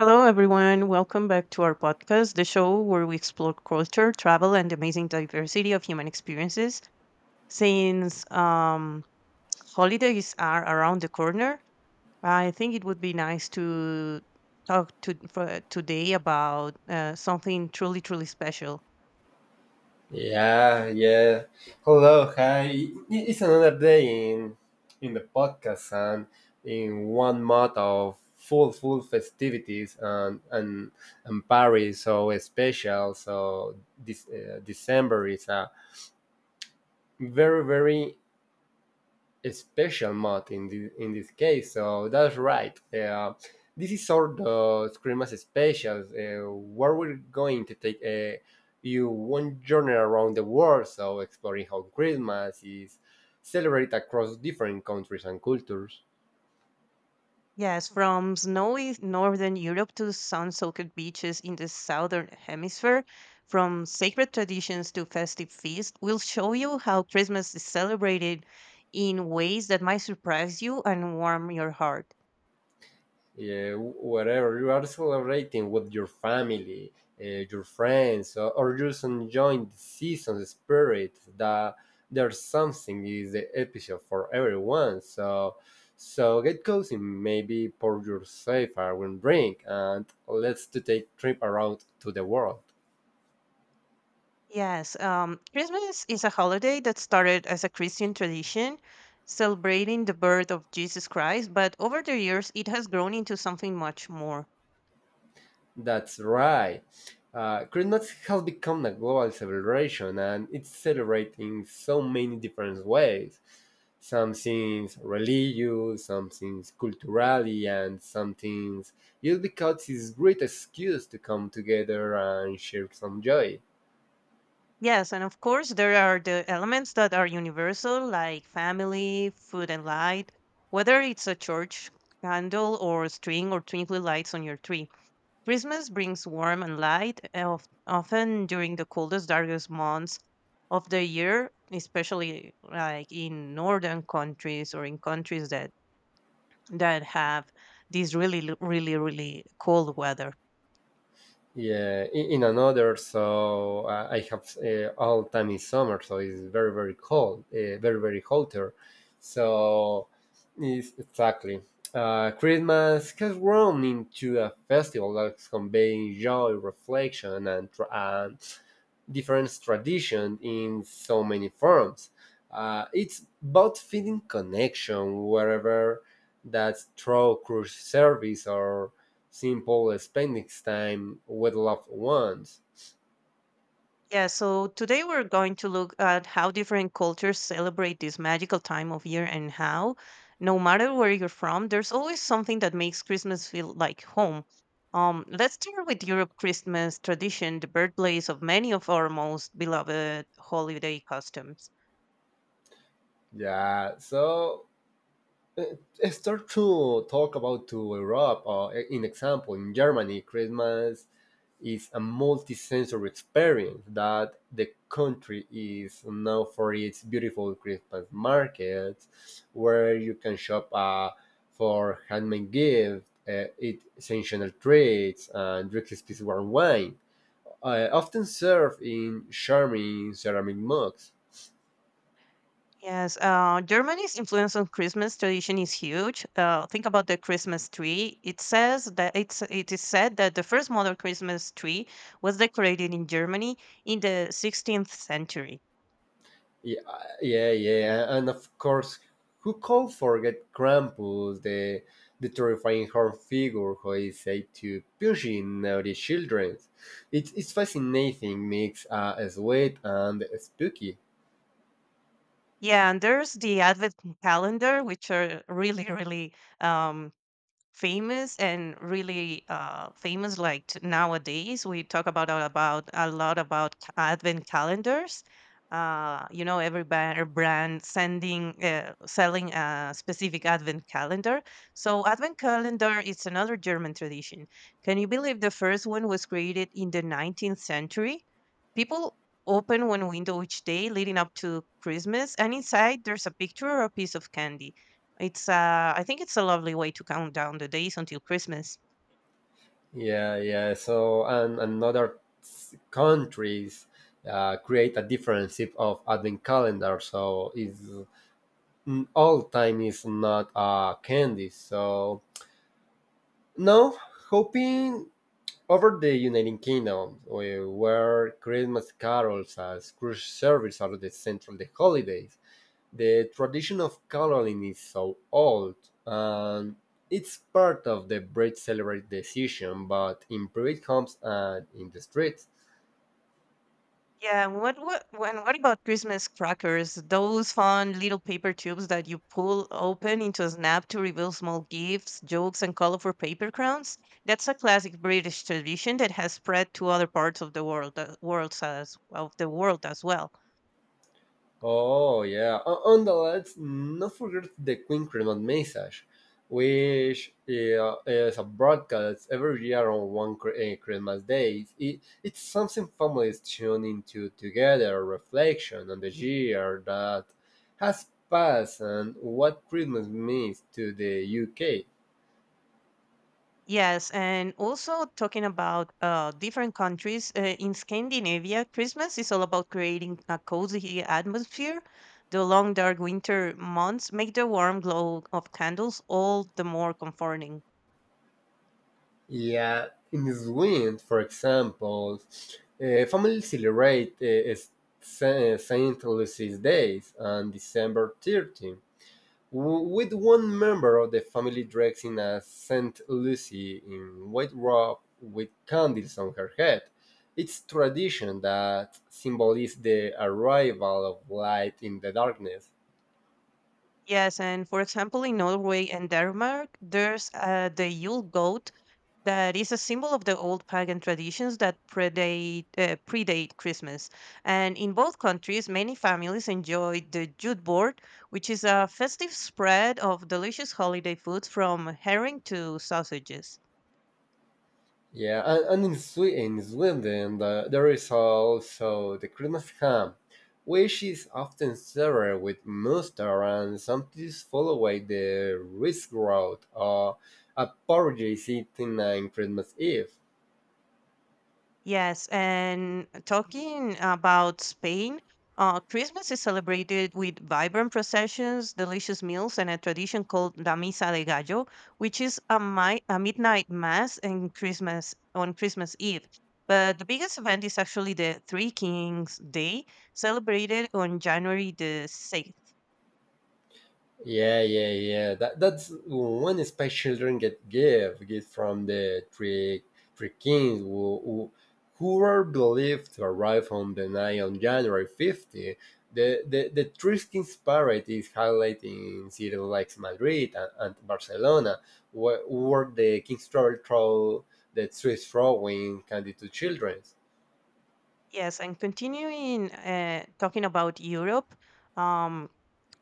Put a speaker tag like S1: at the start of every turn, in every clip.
S1: Hello, everyone. Welcome back to our podcast, the show where we explore culture, travel, and amazing diversity of human experiences. Since Holidays are around the corner. I think it would be nice to talk, for today, about something truly special.
S2: Yeah, yeah. Hello, hi. It's another day in the podcast and in one month of full festivities and Paris so special. So this December is a very very a special mod in this case. So that's right. This is sort of Scream as a special, where we're going to take you one journey around the world, so exploring how Christmas is celebrated across different countries and cultures.
S1: Yes, from snowy northern Europe to sun-soaked beaches in the southern hemisphere, from sacred traditions to festive feasts, we'll show you how Christmas is celebrated in ways that might surprise you and warm your heart.
S2: Yeah, whatever you are celebrating with your family, your friends, or just enjoying the season, the spirit that there's something is the episode for everyone. So, get cozy, maybe pour yourself a one drink, and let's to take trip around to the world.
S1: Yes, Christmas is a holiday that started as a Christian tradition celebrating the birth of Jesus Christ, but over the years it has grown into something much more.
S2: That's right. Christmas has become a global celebration and it's celebrated in so many different ways. Some things religious, some things culturally, and some things just because it's a great excuse to come together and share some joy.
S1: Yes, and of course, there are the elements that are universal, like family, food, and light, whether it's a church candle or string or twinkly lights on your tree. Christmas brings warmth and light, often during the coldest, darkest months of the year, especially like in northern countries or in countries that have this really cold weather.
S2: Yeah, in another, so I have all time is summer, so it's very very cold, very very hotter. So it's exactly Christmas has grown into a festival that's conveying joy, reflection, and and different tradition in so many forms. It's about feeling connection wherever that's through cruise service or simple spending time with loved ones.
S1: Yeah, so today we're going to look at how different cultures celebrate this magical time of year and how, no matter where you're from, there's always something that makes Christmas feel like home. Let's start with Europe Christmas tradition, the birthplace of many of our most beloved holiday customs.
S2: Yeah, so uh, start to talk about to Europe. In example, in Germany, Christmas is a multi-sensory experience that the country is known for its beautiful Christmas markets, where you can shop for handmade gifts, eat seasonal treats, and drink special wine. I often serve in charming ceramic mugs.
S1: Yes, Germany's influence on Christmas tradition is huge. Think about the Christmas tree. It says that it is said that the first modern Christmas tree was decorated in Germany in the 16th century.
S2: Yeah, yeah, yeah, and of course, who could forget Krampus, the terrifying horn figure who is said to pushing naughty children? It's fascinating mix, sweet and spooky.
S1: Yeah, and there's the Advent calendar, which are really, really um, famous and really famous like t- nowadays we talk about about a lot about advent calendars, you know every brand sending selling a specific advent calendar. So advent calendar is another German tradition. Can you believe the first one was created in the 19th century? People open one window each day leading up to Christmas, and inside there's a picture or a piece of candy. It's I think it's a lovely way to count down the days until Christmas.
S2: Yeah, yeah. So, and other countries create a different type of advent calendar. So, it's all time is not candy. So no, hoping over the United Kingdom, where Christmas carols as cruise service are the central the holidays. The tradition of caroling is so old, and it's part of the British celebrate decision, but in private homes and in the streets.
S1: Yeah, what about Christmas crackers? Those fun little paper tubes that you pull open into a snap to reveal small gifts, jokes, and colorful paper crowns? That's a classic British tradition that has spread to other parts of the world as well.
S2: Oh, yeah. On, the Let's not forget the Queen Christmas message, which, yeah, is a broadcast every year on one Christmas day. It's something families tune into together, reflection on the year that has passed and what Christmas means to the UK.
S1: Yes, and also talking about different countries, in Scandinavia, Christmas is all about creating a cozy atmosphere. The long, dark winter months make the warm glow of candles all the more comforting.
S2: Yeah, in Sweden, for example, families celebrate s- Sa- Saint Lucy's Days on December 13th, with one member of the family dressing as Saint Lucy in white robe with candles on her head. It's tradition that symbolizes the arrival of light in the darkness.
S1: Yes, and for example, in Norway and Denmark, there's the Yule that is a symbol of the old pagan traditions that predate Christmas. And in both countries, many families enjoy the jute board, which is a festive spread of delicious holiday foods from herring to sausages.
S2: Yeah, and in Sweden, there is also the Christmas ham, which is often served with mustard and sometimes followed by the risgrot or a porridge eaten on Christmas Eve.
S1: Yes, and talking about Spain, Christmas is celebrated with vibrant processions, delicious meals, and a tradition called La Misa de Gallo, which is a midnight mass and Christmas on Christmas Eve. But the biggest event is actually the Three Kings Day, celebrated on January the 6th.
S2: Yeah, yeah, yeah. That's one special children get give get from the three kings who were believed to arrive on the night on January 50. The three kings parade is highlighted in cities like Madrid and Barcelona, where the kings travel through the streets throwing candy to children.
S1: Yes, and continuing talking about Europe, um,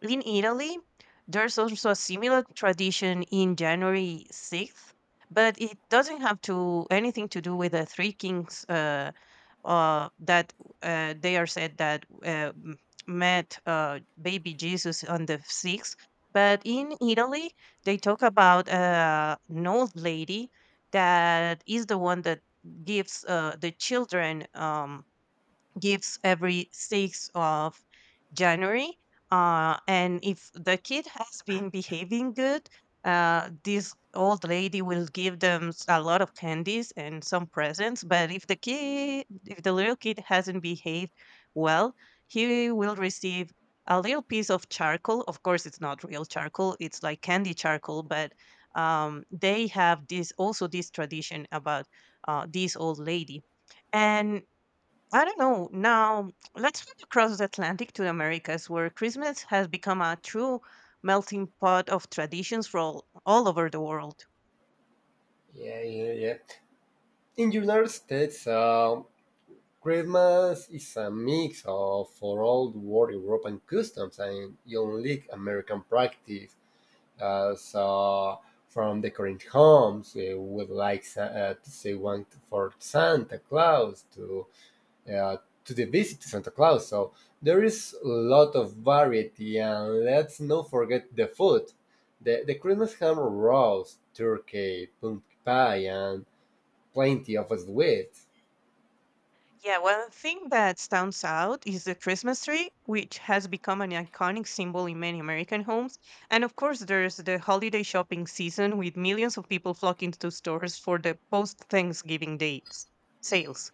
S1: in Italy, there's also a similar tradition in January 6th, but it doesn't have to anything to do with the three kings that they are said that met baby Jesus on the 6th. But in Italy, they talk about an old lady that is the one that gives the children. Gives every 6th of January. And if the kid has been behaving good, this old lady will give them a lot of candies and some presents. But if the kid, if the little kid hasn't behaved well, he will receive a little piece of charcoal. Of course, it's not real charcoal; it's like candy charcoal. But they have this also this tradition about this old lady, and I don't know. Now, let's flip across the Atlantic to the Americas, where Christmas has become a true melting pot of traditions from all over the world.
S2: Yeah, yeah, yeah. In United States, Christmas is a mix of for old world European customs and unique American practice. So, from decorating homes, with like to say one for Santa Claus uh, to the visit to Santa Claus. So there is a lot of variety, and let's not forget the food. The Christmas ham roast, turkey, pumpkin pie, and plenty of sweets.
S1: Yeah, one thing that stands out is the Christmas tree, which has become an iconic symbol in many American homes. And of course, there's the holiday shopping season with millions of people flocking to stores for the post Thanksgiving dates sales.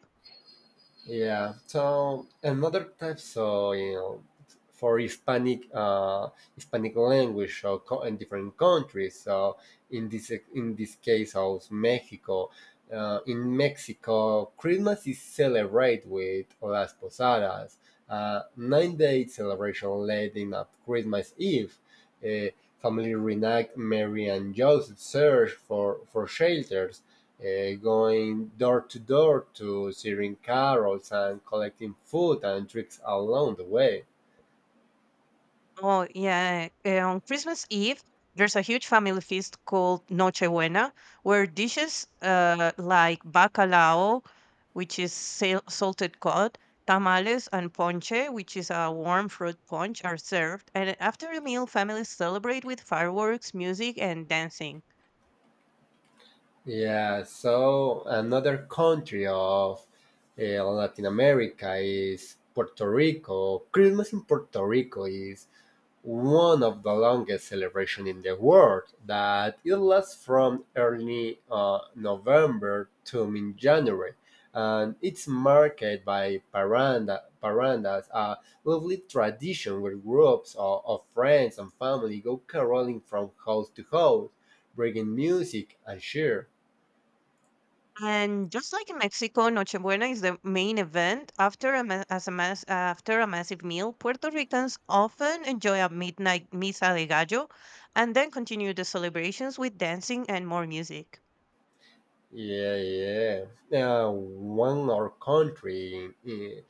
S2: Yeah. So another type, so for Hispanic, Hispanic language, so in different countries. So in this case, of Mexico. In Mexico, Christmas is celebrated with las posadas, a 9-day celebration leading up Christmas Eve. Uh, Family reenact Mary and Joseph search for shelter going door to door to sharing carols and collecting food and drinks along the way.
S1: Oh, yeah. On Christmas Eve, there's a huge family feast called Noche Buena, where dishes like bacalao, which is salted cod, tamales, and ponche, which is a warm fruit punch, are served. And after the meal, families celebrate with fireworks, music, and dancing.
S2: Yeah, so another country of Latin America is Puerto Rico. Christmas in Puerto Rico is one of the longest celebrations in the world that it lasts from early November to mid January. And it's marked by parandas, a lovely tradition where groups of friends and family go caroling from house to house, bringing music and cheer.
S1: And just like in Mexico, Nochebuena is the main event. After a, ma- as a mass, after a massive meal, Puerto Ricans often enjoy a midnight misa de gallo and then continue the celebrations with dancing and more music.
S2: Yeah, yeah. One or country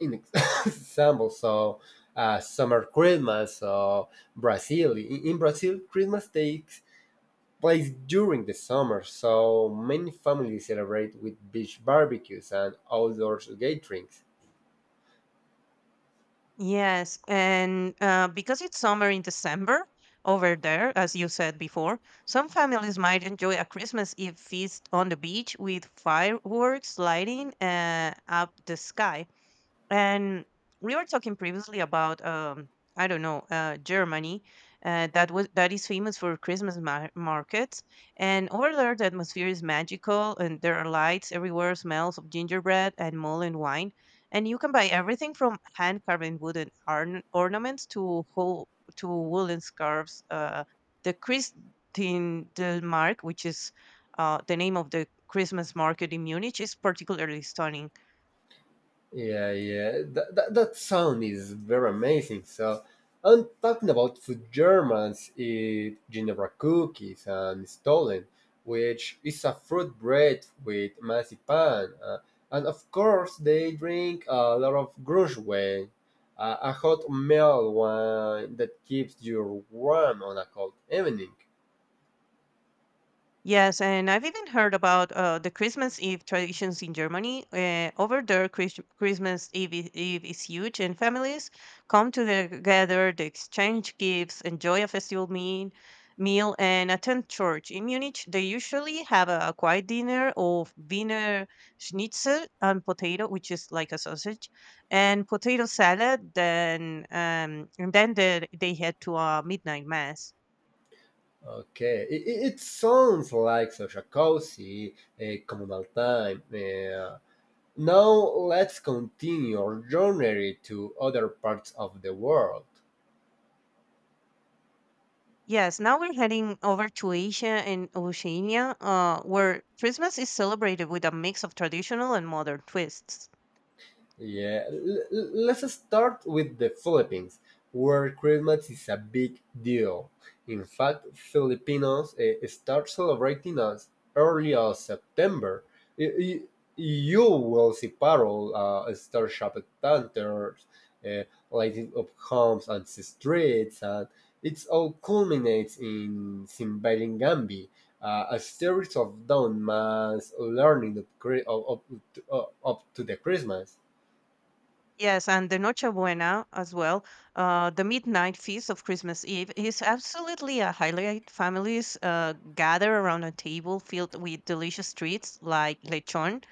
S2: in example. So summer Christmas. So Brazil in Brazil, Christmas takes place during the summer. So many families celebrate with beach barbecues and outdoor gatherings.
S1: Yes, and because it's summer in December over there, as you said before, some families might enjoy a Christmas Eve feast on the beach with fireworks lighting up the sky. And we were talking previously about I don't know, uh, Germany, that is famous for Christmas markets, and over there the atmosphere is magical, and there are lights everywhere, smells of gingerbread and mulled wine, and you can buy everything from hand carving wooden ornaments to whole to woolen scarves. Uh, the Christine del Mark, which is the name of the Christmas market in Munich, is particularly stunning.
S2: Yeah, yeah. That sound is very amazing. So, I'm talking about food Germans eat Ginevra cookies and Stollen, which is a fruit bread with marzipan. And of course, they drink a lot of Grünswein, a hot meal wine that keeps you warm on a cold evening.
S1: Yes, and I've even heard about the Christmas Eve traditions in Germany. Over there, Christmas Eve is huge, and families come together, they exchange gifts, enjoy a meal, and attend church. In Munich, they usually have a quiet dinner of Wiener Schnitzel and potato, which is like a sausage, and potato salad. Then they head to a midnight mass.
S2: Okay, it sounds like such a cozy, a communal time. Yeah. Now let's continue our journey to other parts of the world.
S1: Yes, now we're heading over to Asia and Oceania, where Christmas is celebrated with a mix of traditional and modern twists.
S2: Yeah, let's start with the Philippines, where Christmas is a big deal. In fact, Filipinos start celebrating as early as September. Y- y- You will see parol, star shopped lanterns, uh, lighting up homes and streets, and it all culminates in Gambi, a series of dawn mass learning up, cri- up, up, to- up to the Christmas.
S1: Yes, and the Noche Buena as well, the midnight feast of Christmas Eve, is absolutely a highlight. Families gather around a table filled with delicious treats like lechon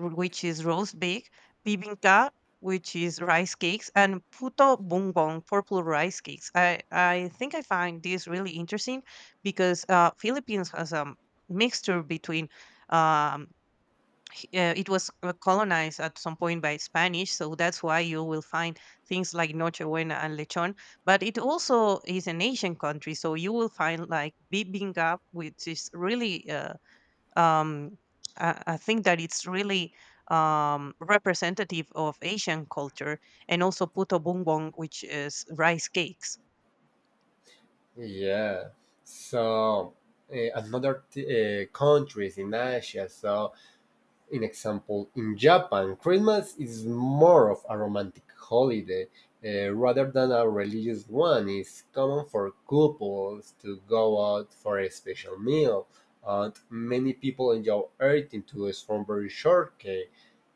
S1: which is roast pig, bibinka, which is rice cakes, and puto bumbong, purple rice cakes. I think I find this really interesting because Philippines has a mixture between um, it was colonized at some point by Spanish, so that's why you will find things like noche buena and lechon. But it also is an Asian country, so you will find like bibinka, which is really um, I think that it's really representative of Asian culture, and also puto bumbong, which is rice cakes.
S2: Yeah. So another countries in Asia. So, in example, in Japan, Christmas is more of a romantic holiday rather than a religious one. It's common for couples to go out for a special meal, and many people enjoy eating to a strawberry shortcake.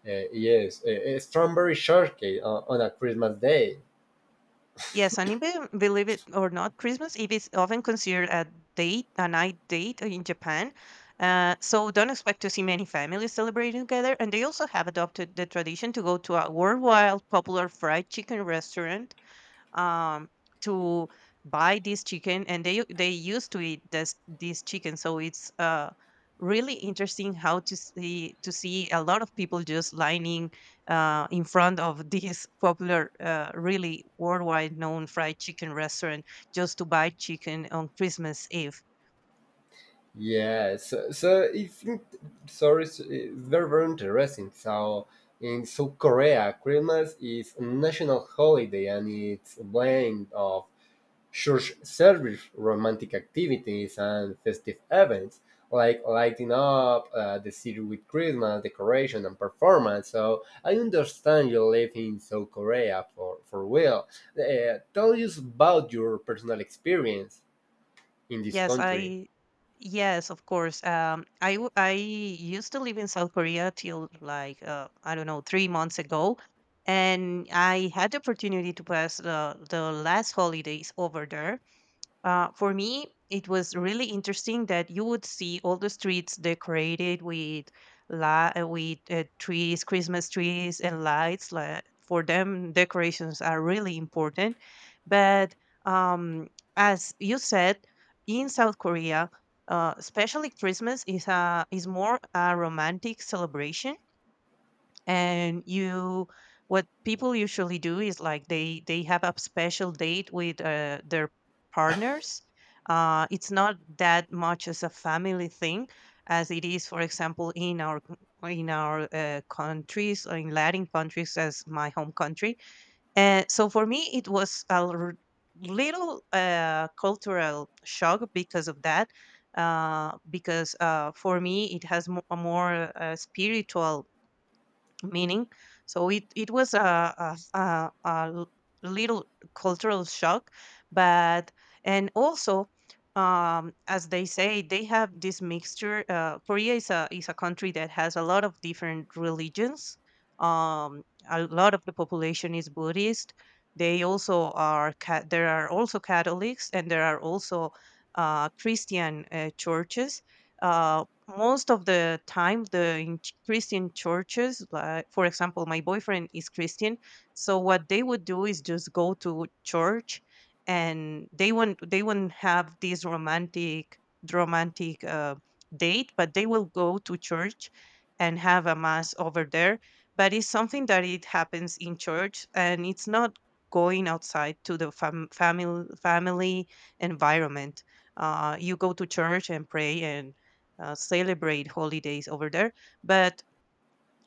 S2: Yes, a strawberry shortcake on a Christmas day.
S1: Yes, and even believe it or not, Christmas Eve is often considered a date, a night date in Japan. So don't expect to see many families celebrating together. And they also have adopted the tradition to go to a worldwide popular fried chicken restaurant um, to buy this chicken, and they used to eat this chicken. So it's really interesting how to see a lot of people just lining in front of this popular, really worldwide known fried chicken restaurant just to buy chicken on Christmas Eve.
S2: Yeah, so it's sorry, it's very very interesting. So in South Korea, Christmas is a national holiday and it's a blend of church service, romantic activities, and festive events like lighting up the city with Christmas decoration and performance. So I understand you live in South Korea for real. Tell us about your personal experience in this
S1: Yes,
S2: country.
S1: I yes, of course. I used to live in South Korea till like I don't know, 3 months ago, and I had the opportunity to pass the last holidays over there. For me, it was really interesting that you would see all the streets decorated with trees, Christmas trees, and lights. Like, for them, decorations are really important. But um, as you said, in South Korea, especially Christmas is a is more a romantic celebration. And you what people usually do is like they have a special date with their partners. It's not that much as a family thing as it is, for example, in our countries, or in Latin countries as my home country. And so for me it was little cultural shock because of that. Because for me it has a more spiritual meaning. So it was a little cultural shock. But, and also, as they say, they have this mixture. Korea is a country that has a lot of different religions. um a lot of the population is Buddhist. They also are there are also Catholics, and there are also Christian churches. Uh, Most of the time Christian churches, like for example my boyfriend is Christian, so what they would do is just go to church. And they won't have this romantic date, but they will go to church and have a mass over there. But it's something that it happens in church, and it's not going outside to the family environment. You go to church and pray, and celebrate holidays over there. But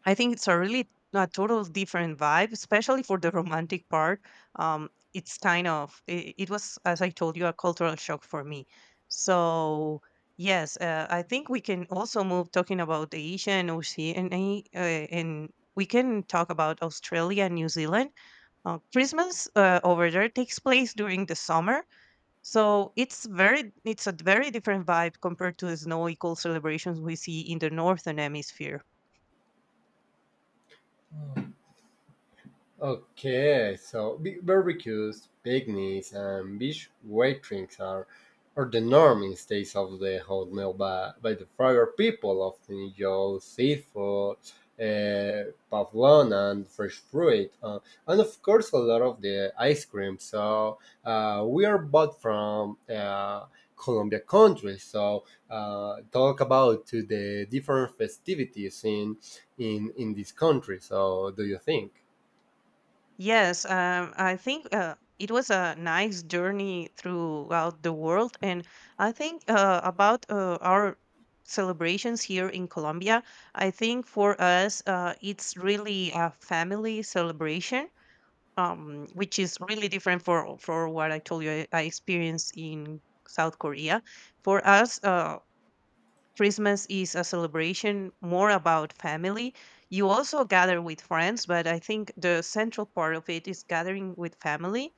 S1: I think it's a really a total different vibe, especially for the romantic part. Um, it's kind of it was, as I told you, a cultural shock for me. So yes, I think we can also move talking about the Asia and Oceania, and we can talk about Australia and New Zealand. Christmas over there takes place during the summer, so it's a very different vibe compared to the snow equal celebrations we see in the northern hemisphere.
S2: Okay, so barbecues, picnics, and beach weightings are the norm in states of the hot meal by the fire. People often enjoy seafood, pavlon, and fresh fruit, and of course, a lot of the ice cream. So, we are both from Colombia country, so talk about to the different festivities in this country. So, do you think?
S1: Yes, I think it was a nice journey throughout the world, and I think about our celebrations here in Colombia. I think for us, it's really a family celebration. Which is really different for what I told you I experienced in South Korea. For us, Christmas is a celebration more about family. You also gather with friends, but I think the central part of it is gathering with family.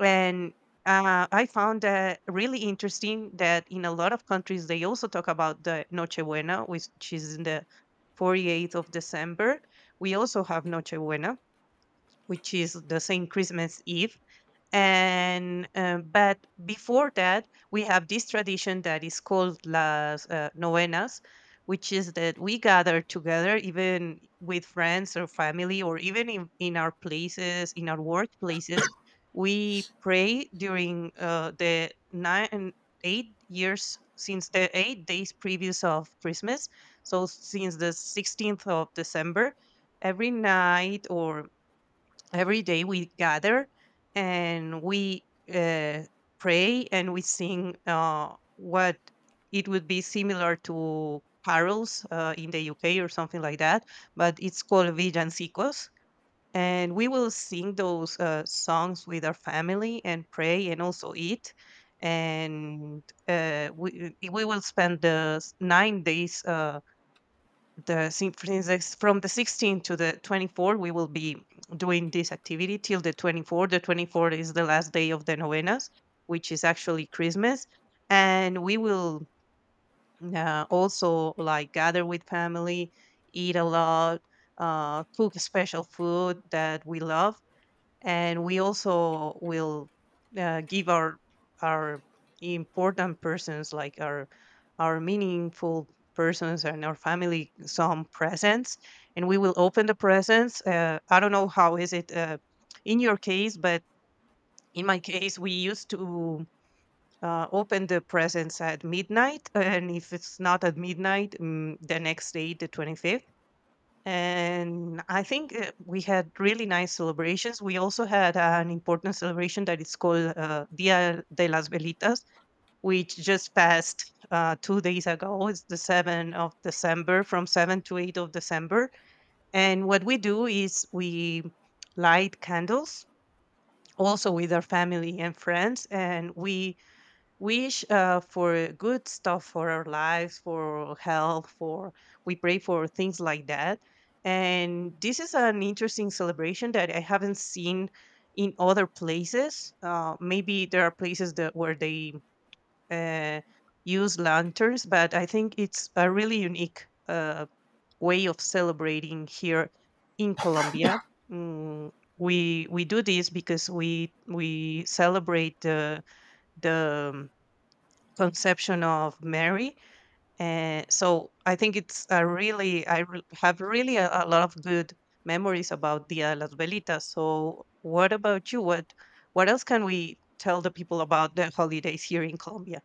S1: And I found that really interesting that in a lot of countries they also talk about the Nochebuena, which is in the 48th of December. We also have Nochebuena, which is the same Christmas Eve. And but before that we have this tradition that is called las novenas, which is that we gather together even with friends or family, or even in our places, in our workplaces. We pray during the nine eight years since the 8 days previous of Christmas. So since the 16th of December, every night or every day we gather, and we uh, pray, and we sing, what it would be similar to carols in the UK or something like that, but it's called villancicos. And we will sing those songs with our family and pray and also eat. And we will spend 9 days, for instance, from the 16 to the 24. We will be doing this activity till the 24. The 24 is the last day of the novenas, which is actually Christmas. And we will, also like gather with family, eat a lot, cook special food that we love. And we also will, give our our important persons, like our meaningful persons and our family, some presents. And we will open the presents. I don't know how is it in your case, but in my case we used to open the presents at midnight. And if it's not at midnight, the next day, the 25th. And I think we had really nice celebrations. We also had an important celebration that is called Dia de las Velitas, which just passed 2 days ago. It's the 7th of December, from 7 to 8 of December. And what we do is we light candles also with our family and friends, and we wish for good stuff for our lives, for health, for we pray for things like that. And this is an interesting celebration that I haven't seen in other places. Maybe there are places that where they uh, use lanterns, but I think it's a really unique way of celebrating here in Colombia. Mm, we do this because we celebrate the conception of Mary. So I think it's a really, I have really a lot of good memories about Dia de las Velitas. So what about you? What else can we tell the people about the holidays here in Colombia?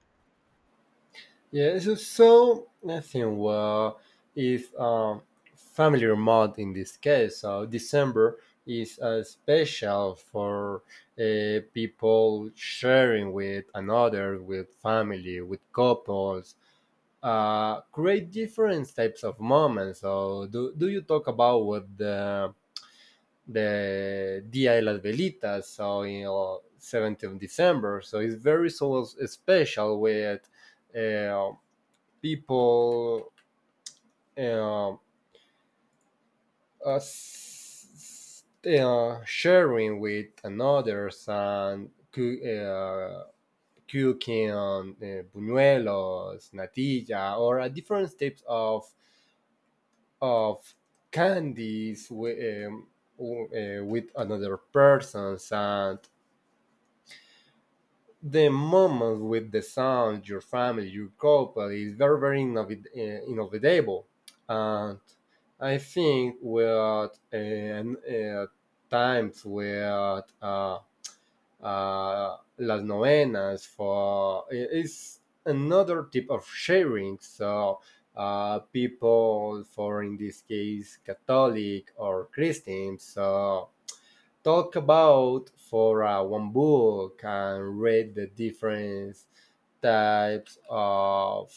S2: Yeah, so I think well is familiar month in this case. So December is special for people sharing with another, with family, with couples. Create different types of moments. So do you talk about what the Dia de las Velitas? 17th of December. So it's very so special with. Uh, People uh, sharing with another's and cooking buñuelos, natilla, or different types of candies with, with another persons and the moment with the sound, your family, your couple is very, very innovable. And I think we're at times where las novenas for is another type of sharing. So people, for in this case, Catholic or Christian, so talk about for one book and read the different types of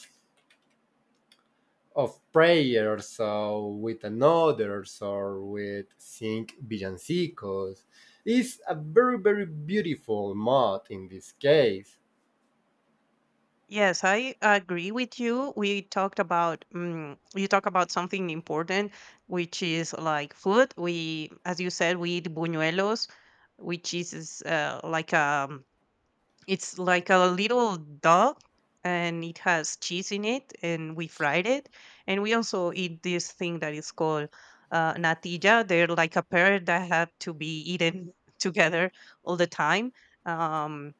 S2: of prayers so with another or with sing villancicos is a very very beautiful mod in this case.
S1: Yes, I agree with you. We talked about You talk about something important, which is like food. As you said, we eat buñuelos, which is like a it's like a little dog, and it has cheese in it, and we fried it. And we also eat this thing that is called natilla. They're like a pair that have to be eaten together all the time. Um,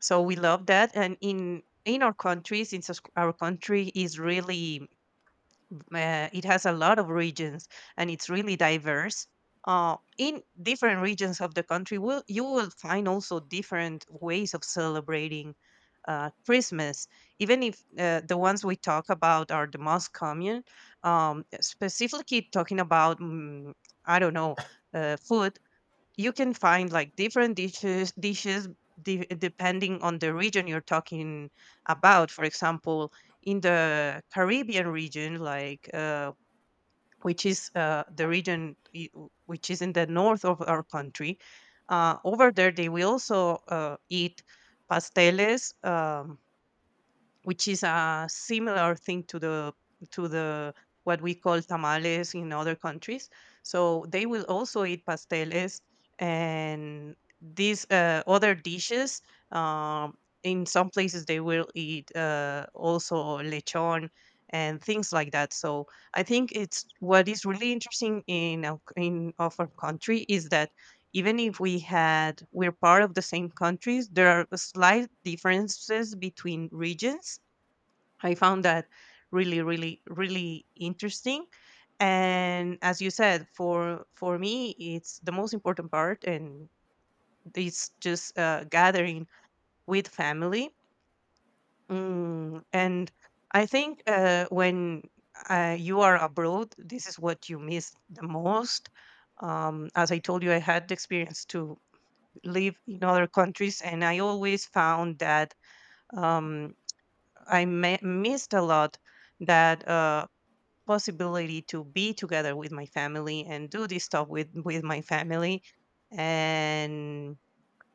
S1: so we love that. And in our countries, since our country is really, it has a lot of regions, and it's really diverse. In different regions of the country, will you will find also different ways of celebrating Christmas. Even if the ones we talk about are the most common, specifically talking about, I don't know, food. You can find like different dishes dishes, depending on the region you're talking about. For example, in the Caribbean region, which is, the region, which is in the north of our country. Over there they will also eat pasteles, which is a similar thing to the what we call tamales in other countries. So they will also eat pasteles, and these other dishes. Um, in some places, they will eat, also lechon and things like that. So I think, it's what is really interesting in in of our country, is that even if we're part of the same countries, there are slight differences between regions. I found that really, really, really interesting. And as you said, for me, it's the most important part, and it's just gathering with family. And I think when you are abroad, this is what you miss the most. As I told you, I had the experience to live in other countries, and I always found that, um, I missed a lot that. Possibility to be together with my family and do this stuff with my family. And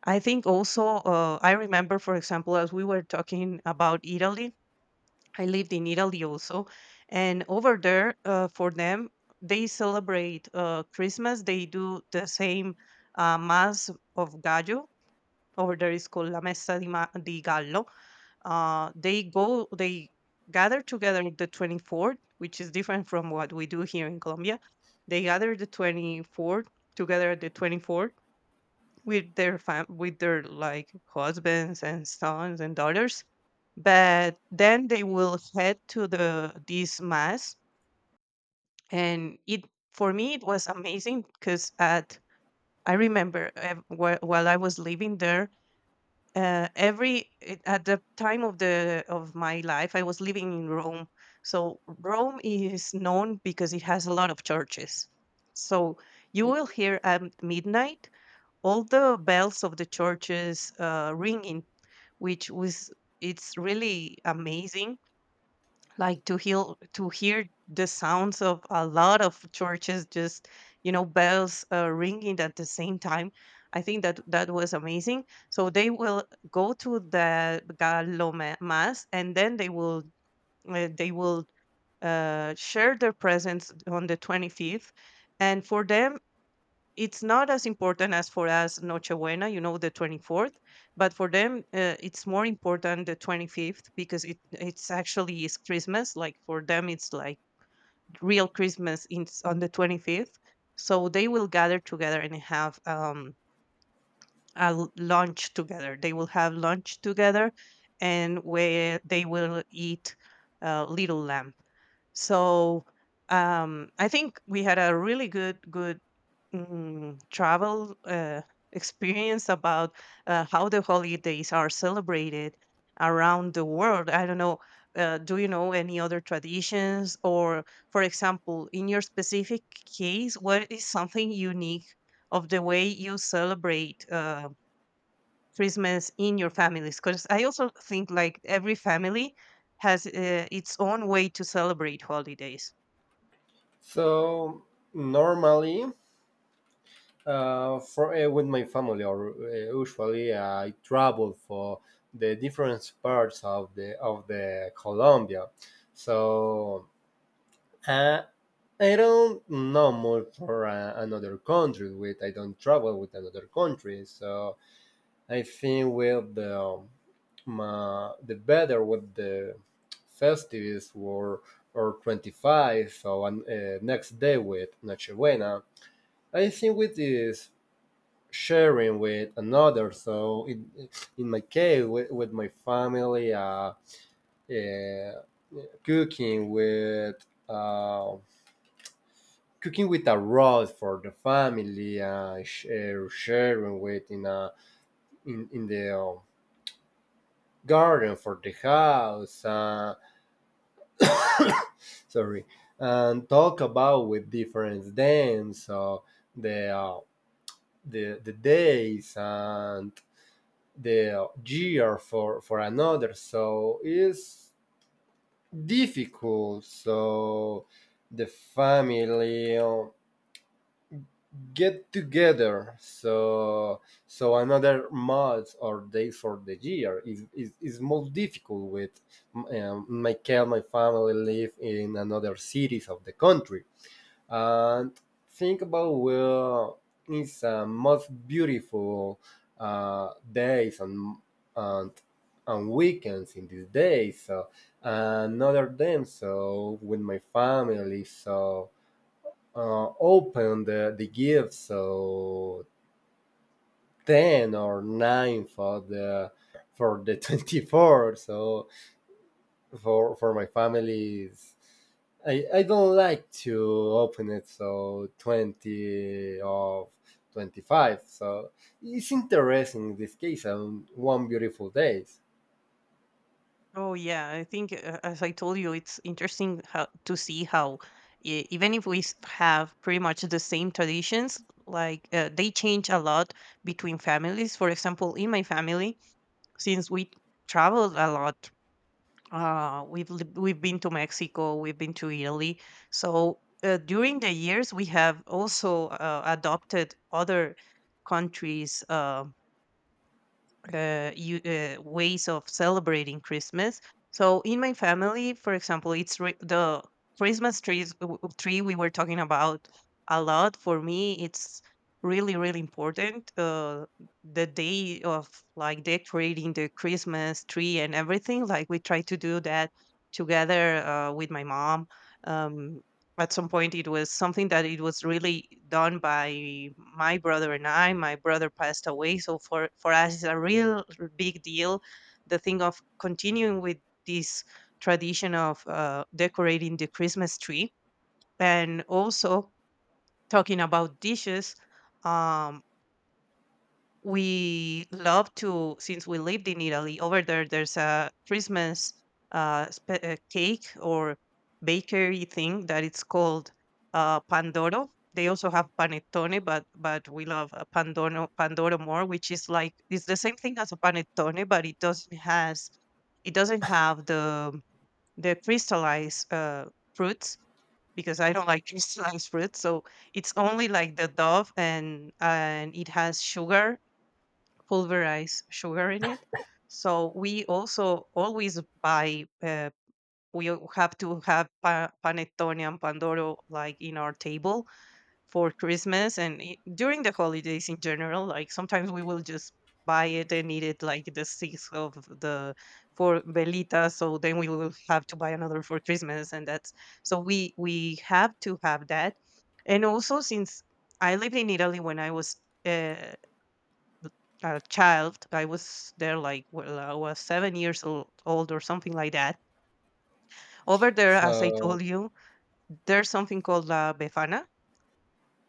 S1: I think also, I remember, for example, as we were talking about Italy, I lived in Italy also. And over there, for them, they celebrate, Christmas, they do the same mass of gallo. Over there is called la messa di, di gallo. They go, they gather together the 24th, which is different from what we do here in Colombia. They gather the 24th together, at the 24th, with their with their like husbands and sons and daughters. But then they will head to the this mass, and it for me it was amazing, because at I remember, while I was living there. At the time of the of my life I was living in Rome. So Rome is known because it has a lot of churches. So you will hear at midnight all the bells of the churches, ringing, which was, it's really amazing, like to hear the sounds of a lot of churches, just bells, ringing at the same time. I think that that was amazing. So they will go to the gallo mass, and then they will, share their presents on the 25th. And for them it's not as important as for us Nochebuena, the 24th. But for them, it's more important the 25th, because it's actually is Christmas. Like for them, it's like real Christmas on the 25th. So they will gather together and have lunch together. They will have lunch together, and where they will eat little lamb. So I think we had a really good, travel, experience about how the holidays are celebrated around the world. I don't know. Do you know any other traditions, or for example, in your specific case, what is something unique of the way you celebrate Christmas in your families? Because I also think like every family has its own way to celebrate holidays.
S2: So normally, for with my family, or usually I travel for the different parts of the Colombia. So uh, I don't know more for another country. With I don't travel with another country, so I think with the the better with the festivities were or 25 so on next day with Nochebuena. I think with this sharing with another. So in my case, with my family, uh, cooking with uh, cooking with a roast for the family, sharing with in a in in the garden for the house. Sorry, and talk about with different them. So the the days and the year for another so it's difficult so the family get together so another month or day for the year is most difficult with michael my family live in another cities of the country and think about where is the most beautiful days and and weekends in these days so another them so with my family so open the gifts. So 10 or 9 for the 24 so for my family is I don't like to open it so 20 of 25 so it's interesting in this case on one beautiful days.
S1: Oh yeah, I think, as I told you, it's interesting how to see how, even if have pretty much the same traditions, like they change a lot between families. For example, in my family, since we traveled a lot, we've lived, we've been to Mexico, we've been to Italy. So during the years, we have also adopted other countries. Ways of celebrating Christmas. So in my family, for example, it's, the Christmas trees w- w- tree we were talking about a lot. For me, it's really important. The day of, like, decorating the Christmas tree and everything, like we try to do that together, with my mom. Um, at some point it was something that it was really done by my brother and I. My brother passed away, so for us it's a real big deal. The thing of continuing with this tradition of decorating the Christmas tree, and also talking about dishes. Um, we love to, since we lived in Italy, over there there's a Christmas, cake or bakery thing that it's called, pandoro. They also have panettone, but we love, pandoro more, which is like it's the same thing as a panettone, but it doesn't have the crystallized fruits, because I don't like crystallized fruit. So it's only like the dove, and it has sugar, pulverize sugar in it. So we also always buy. Have to have panettone and pandoro, like in our table for Christmas and, during the holidays in general. Like sometimes we will just buy it and eat it, like the sixth of the for Belita. So then we will have to buy another for Christmas, and that's, so we have to have that. And also, since I lived in Italy when I was, Uh, a child. I was there, like, well, I was 7 years old, or something like that. Over there, as I
S2: So
S1: told you, there's something called La Befana.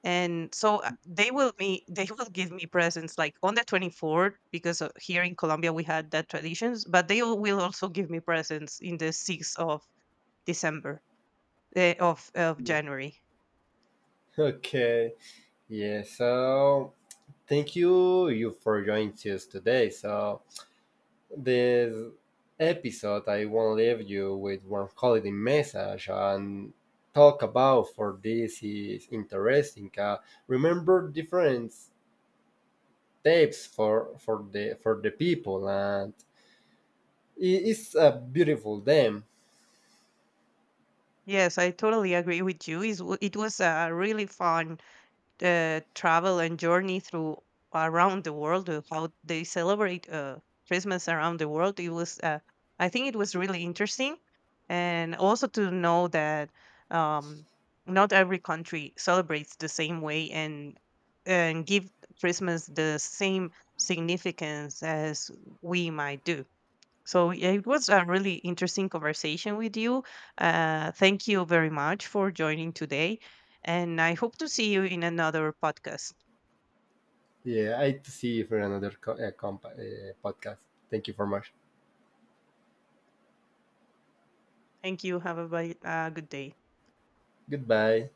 S1: And so they will me they will give me presents like on the 24th, because, here in Colombia we had that traditions, but, will also give me presents in the 6th of December, of January.
S2: okay, yeah, so thank you for joining us today. So this episode, I want to leave you with one holiday message and talk about for this is interesting. Remember different steps for the people, and it's a beautiful them.
S1: Yes, I totally agree with you. It was a really fun travel and journey through, around the world, how they celebrate Christmas around the world. It was, I think it was really interesting, and also to know that, um, not every country celebrates the same way and give Christmas the same significance as we might do. So yeah, it was a really interesting conversation with you. Thank you very much for joining today, and I hope to see you in another podcast.
S2: Yeah, I to see you for another podcast. Thank you very much.
S1: Thank you. Have a good day.
S2: Goodbye.